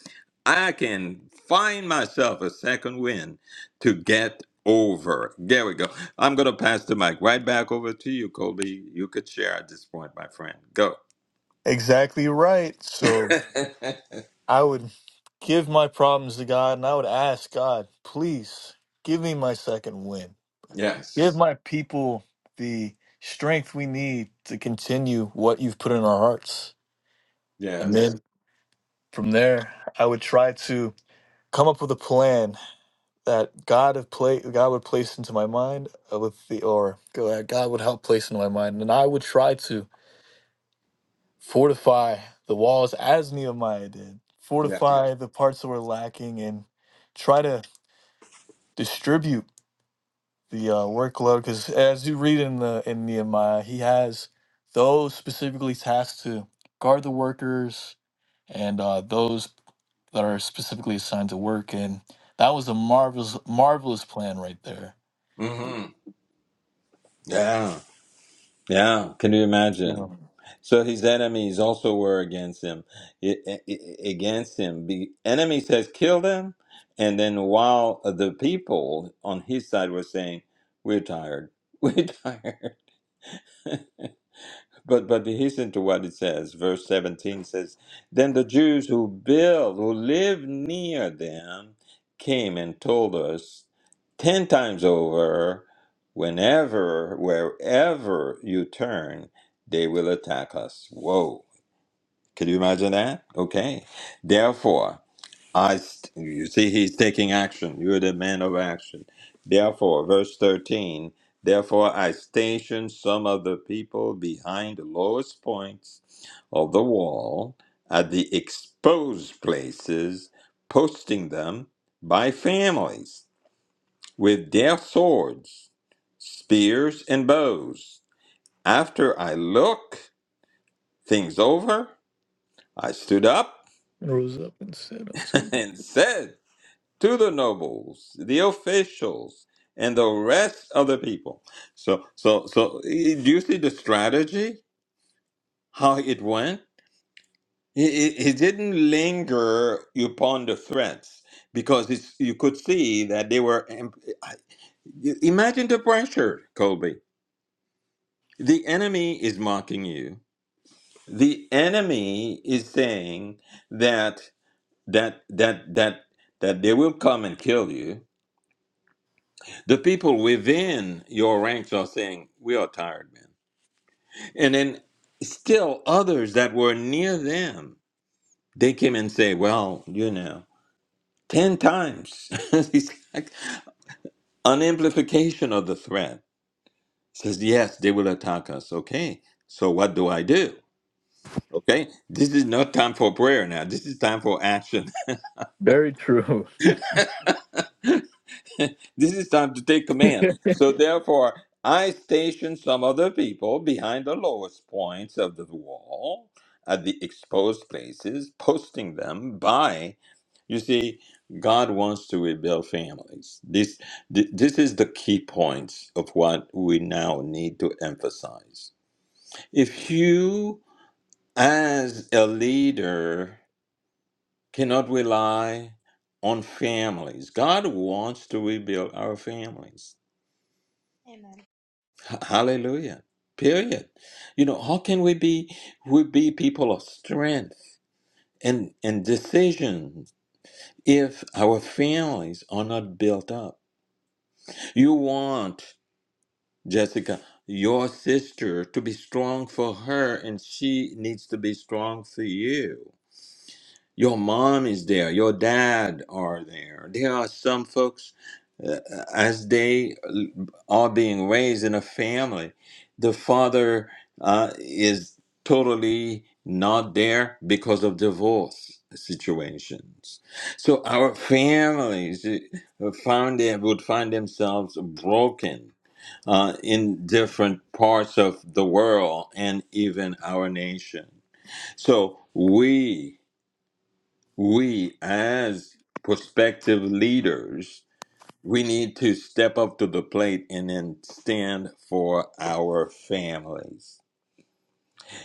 A: I can find myself a second wind to get over. There we go. I'm going to pass the mic right back over to you, Colby. You could share at this point, my friend. Go.
C: exactly right.
A: <laughs>
C: So, I would give my problems to God and I would ask God, please give me my second win. Give
A: yes.
C: my people the strength we need to continue what you've put in our hearts And
A: Yes.
C: then from there, I would try to come up with a plan that God have pla- God would place into my mind uh, with the or that God would help place into my mind, and I would try to fortify the walls as Nehemiah did,
A: Yeah.
C: fortify the parts that were lacking, and try to distribute the uh, workload. Because as you read in the in Nehemiah, he has those specifically tasked to guard the workers and uh, those that are specifically assigned to work. And that was a marvelous, marvelous plan right there.
A: hmm Yeah. Yeah, can you imagine? So his enemies also were against him. I- I- I- against him, the enemy says, "Kill them," and then while the people on his side were saying, "We're tired, <laughs> we're tired," But but listen to what it says, verse 17 says, Then the Jews who build, who live near them, came and told us ten times over, whenever, wherever you turn, they will attack us. Whoa. Can you imagine that? Okay. Therefore, I, st- you see, he's taking action. You're the man of action. Therefore, verse 13, therefore I stationed some of the people behind the lowest points of the wall at the exposed places, posting them by families with their swords, spears, and bows. After I looked things over, I stood up
C: Rose up and said, "I'm
A: <laughs> and said, to the nobles, the officials, and the rest of the people. So, so, so, eh, do you see the strategy? How it went? He, he he didn't linger upon the threats because it's, you could see that they were. em- Imagine the pressure, Colby. The enemy is mocking you. The enemy is saying that that that that that they will come and kill you The people within your ranks are saying, We are tired, man. And then still others that were near them, they came and say, Well, you know, 10 times. <laughs> It's like an amplification of the threat says, Yes, they will attack us. Okay, so what do I do? Okay, this is not time for prayer now. This is time for action.
C: Very true.
A: <laughs> this is time to take
C: <laughs>
A: command. So therefore, I stationed some other people behind the lowest points of the wall at the exposed places, posting them by. You see, God wants to rebuild families. This th- this is the key points of what we now need to emphasize. If you, as a leader, cannot rely on families, God wants to rebuild our families. H- Hallelujah. Period. You know, how can we be we be people of strength and and decision if our families are not built up? You want Jessica, your sister to be strong for her and she needs to be strong for you. Your mom is there. Your dad are there. There are some folks, uh, uh, as they uh, are being raised in a family, the father uh, is totally not there because of divorce situations. So our families uh, found them, would find themselves broken uh, in different parts of the world and even our nation. So we we as prospective leaders we need to step up to the plate and then stand for our families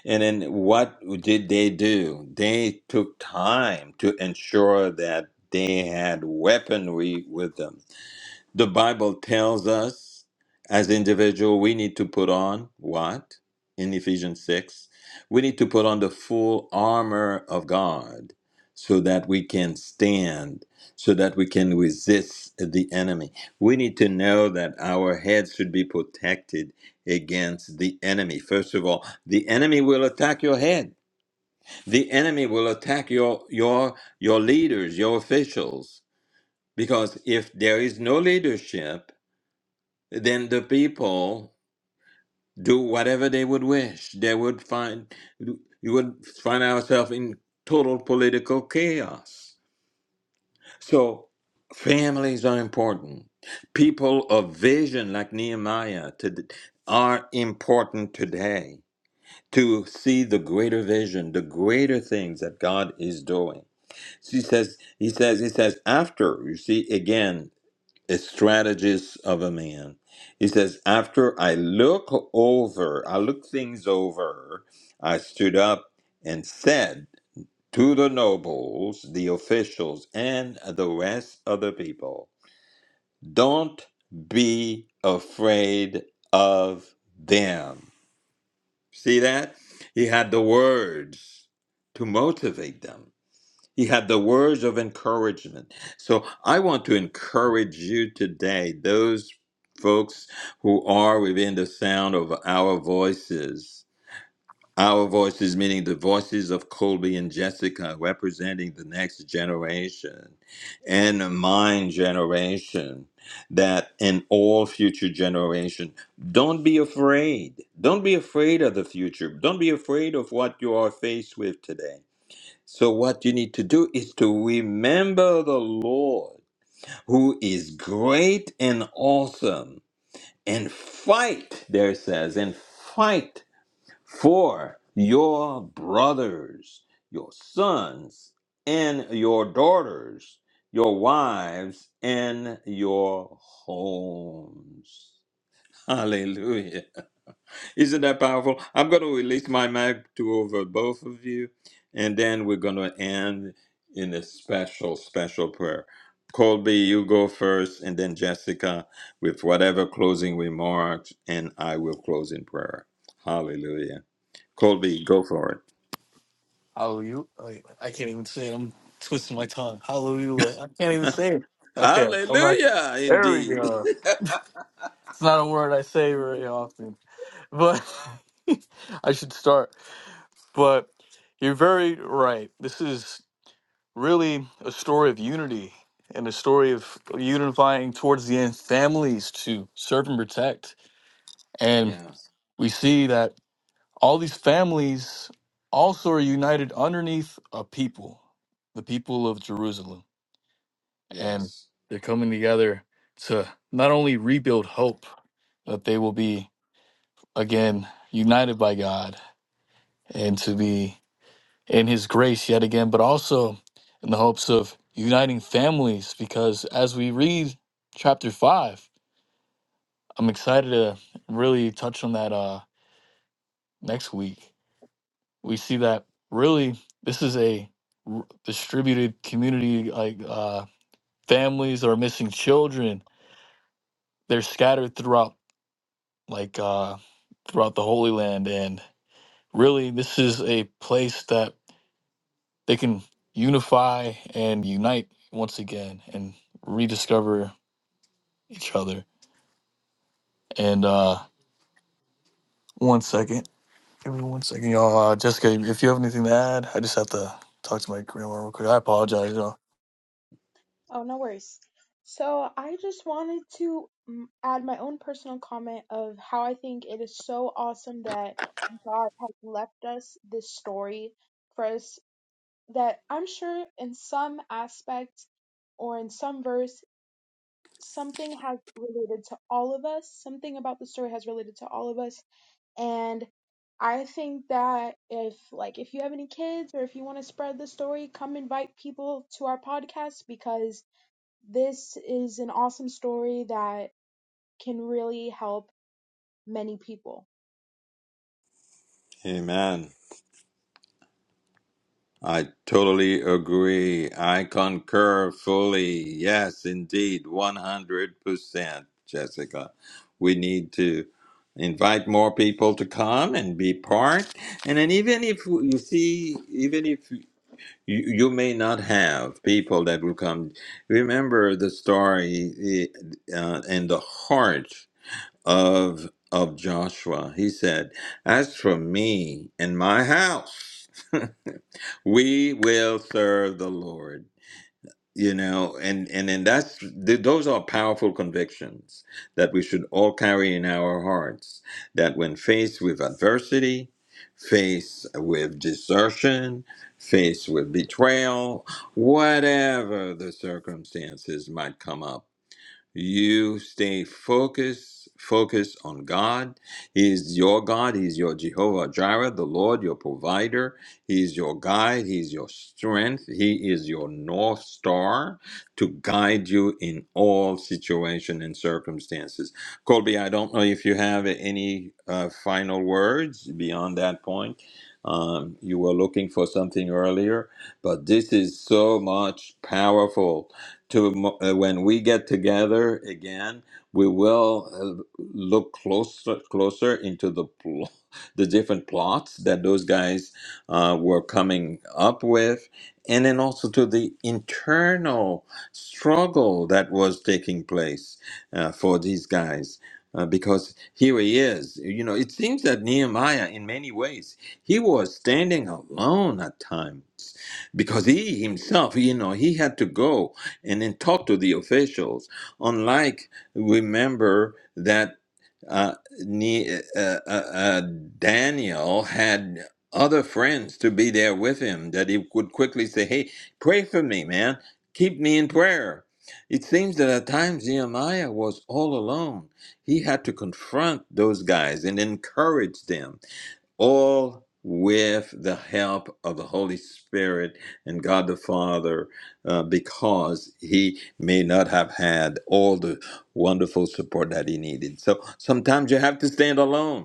A: and then what did they do they took time to ensure that they had weaponry with them the Bible tells us as individual we need to put on what? In Ephesians 6, we need to put on the full armor of God so that we can stand, so that we can resist the enemy. We need to know that our heads should be protected against the enemy. First of all, the enemy will attack your head. The enemy will attack your your your leaders, your officials because if there is no leadership then the people do whatever they would wish. They would find you would find ourselves in total political chaos. So families are important. People of vision like Nehemiah to, are important today to see the greater vision, the greater things that God is doing. She says, he says, he says, after, you see, again, a strategist of a man. He says, After I look over, I look things over, I stood up and said to the nobles, the officials, and the rest of the people, Don't be afraid of them. See that? He had the words to motivate them. He had the words of encouragement. So I want to encourage you today, those folks who are within the sound of our voices. Our voices, meaning the voices of Colby and Jessica, representing the next generation and mine generation, that in all future generation, don't be afraid. Don't be afraid of the future. Don't be afraid of what you are faced with today so, what you need to do is to remember the Lord who is great and awesome and fight, there it says, and fight for your brothers, your sons, and your daughters, your wives, and your homes. Hallelujah. Isn't that powerful? I'm going to release my mic to over both of you, and then we're going to end in a special, special prayer. Colby, you go first, and then Jessica with whatever closing remarks, and I will close in prayer. Hallelujah. Colby, go for it.
C: Hallelujah! I I can't even say it. I'm twisting my tongue. Hallelujah! I can't even say it. Okay, I'm like,
A: Hallelujah,
C: there we
A: indeed.
C: go. It's not a word I say
B: noble,
C: very often, but <laughs> I should start. But you're very right. This is. really a story of unity and a story of unifying towards the end families to serve and protect. And
A: Yes,
C: we see that all these families also are united underneath a people, the people of Jerusalem. And
A: yes.
C: they're coming together to not only rebuild hope, that they will be again united by God and to be in his grace yet again, but also in the hopes of uniting families. Because as we read chapter five, I'm excited to really touch on that uh, next week. We see that really this is a r- distributed community, like uh, families that are missing children. They're scattered throughout, like uh, throughout the Holy Land, and really this is a place that they can unify and unite once again and rediscover each other. And uh, one second, give me one second, y'all. Uh, Jessica, if you have anything to add, I just have to talk to my grandma real quick. I apologize, y'all.
B: "Oh, no worries." So I just wanted to mm, add my own personal comment of how I think it is so awesome that God has left us this story for us that I'm sure in some aspect or in some verse, something has related to all of us. Something about the story has related to all of us. And I think that if, like, if you have any kids or if you want to spread the story, come invite people to our podcast because this is an awesome story that can really help many people.
A: Amen. I totally agree. I concur fully. Yes, indeed, 100%, Jessica. We need to invite more people to come and be part. And then, even if you see, even if you, you may not have people that will come, remember the story uh, and the heart of, of Joshua. He said, As for me and my house, <laughs> We will serve the Lord. You know, and and and that's th- those are powerful convictions that we should all carry in our hearts. That when faced with adversity, faced with desertion, faced with betrayal, whatever the circumstances might come up. You stay focused, focused on God. He is your God. He is your Jehovah Jireh, the Lord, your provider. He is your guide. He is your strength. He is your North Star to guide you in all situation and circumstances. Colby, I don't know if you have any uh, final words beyond that point. Um, you were looking for something earlier, but this is so much powerful to uh, when we get together again, we will uh, look closer closer into the pl- <laughs> the different plots that those guys uh, were coming up with, and then also to the internal struggle that was taking place uh, for these guys. Uh, because here he is, you know. It seems that Nehemiah, in many ways, he was standing alone at times because he himself, you know, he had to go and then talk to the officials. Unlike, remember that uh, Ne- uh, uh, uh, Daniel had other friends to be there with him that he could quickly say, "Hey, pray for me, man. Keep me in prayer." It seems that at times Nehemiah was all alone. He had to confront those guys and encourage them all with the help of the Holy Spirit and God the Father, uh, because he may not have had all the wonderful support that he needed. So sometimes you have to stand alone.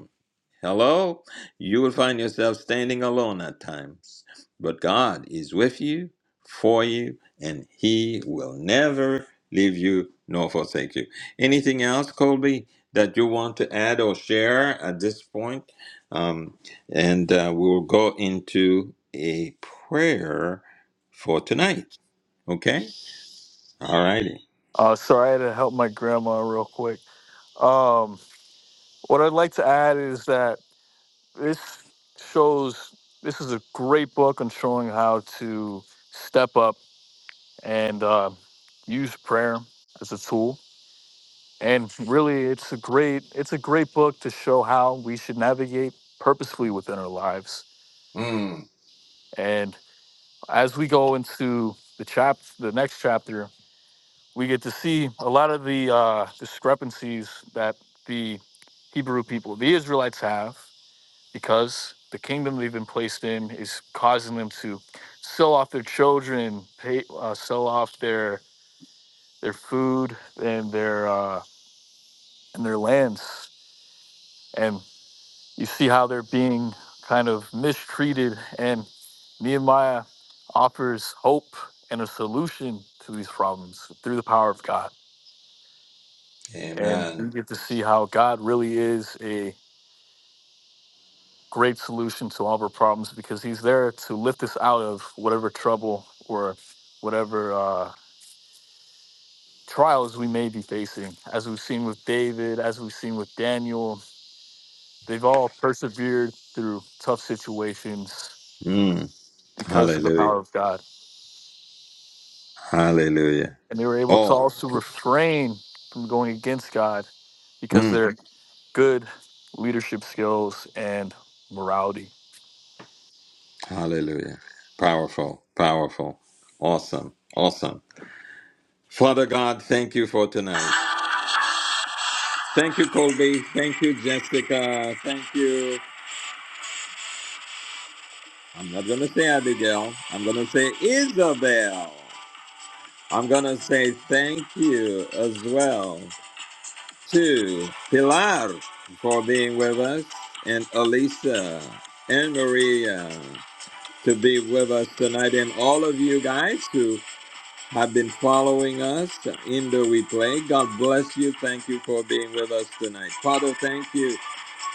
A: Hello, you will find yourself standing alone at times, but God is with you, for you, and He will never leave you nor forsake you. Anything else, Colby, that you want to add or share at this point? Um, and uh, we will go into a prayer for tonight. Okay? All righty.
C: Uh, sorry, I had to help my grandma real quick. Um, what I'd like to add is that this shows this is a great book on showing how to step up and uh, use prayer as a tool and really it's a great it's a great book to show how we should navigate purposefully within our lives
A: Mm,
C: and as we go into the chap the next chapter we get to see a lot of the uh, discrepancies that the hebrew people the israelites have because the kingdom they've been placed in is causing them to sell off their children pay, uh, sell off their their food and their uh, and their lands and. You see how they're being kind of mistreated, and Nehemiah offers hope and a solution to these problems through the power of God. And we
A: amen.
C: get to see how God really is a great solution to all of our problems because He's there to lift us out of whatever trouble or whatever uh, trials we may be facing. As we've seen with David, as we've seen with Daniel, they've all persevered through tough situations
A: Mm,
C: because of the
A: hallelujah.
C: power of God.
A: Hallelujah.
C: and they were able to
A: All.
C: also refrain from going against God because
A: Mm.
C: they're good leadership skills and morality.
A: Hallelujah. Powerful, powerful, awesome, awesome. Father God, thank you for tonight. Thank you, Colby. Thank you, Jessica. Thank you. I'm not going to say Abigail. I'm going to say Isabel. I'm going to say thank you as well to Pilar for being with us and Elisa and Maria to be with us tonight and all of you guys who have been following us in the replay. God bless you. Thank you for being with us tonight. Father, thank you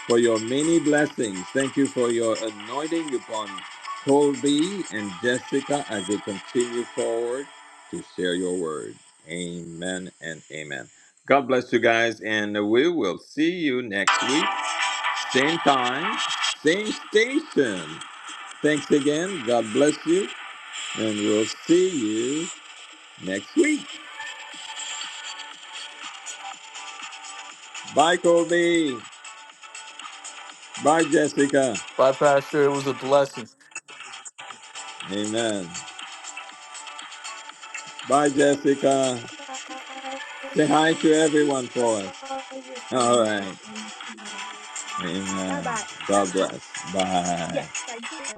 A: for your many blessings. Thank you for your anointing upon Colby and Jessica as they continue forward to share your word. Amen and amen. God bless you guys, and we will see you next week. Same time, same station. Thanks again. God bless you, and we'll see you next week. Bye, Colby, Bye, Jessica.
C: Bye, Pastor. It was a blessing.
A: Amen. Bye,
B: Goodbye.
A: Jessica. Say hi
B: Thank
A: to
B: you
A: everyone
B: for
A: for us.
B: all your
A: All
B: kindness
A: right.
B: and bye
A: Amen.
B: bye.
A: God bless. Bye.
B: Yes, I do.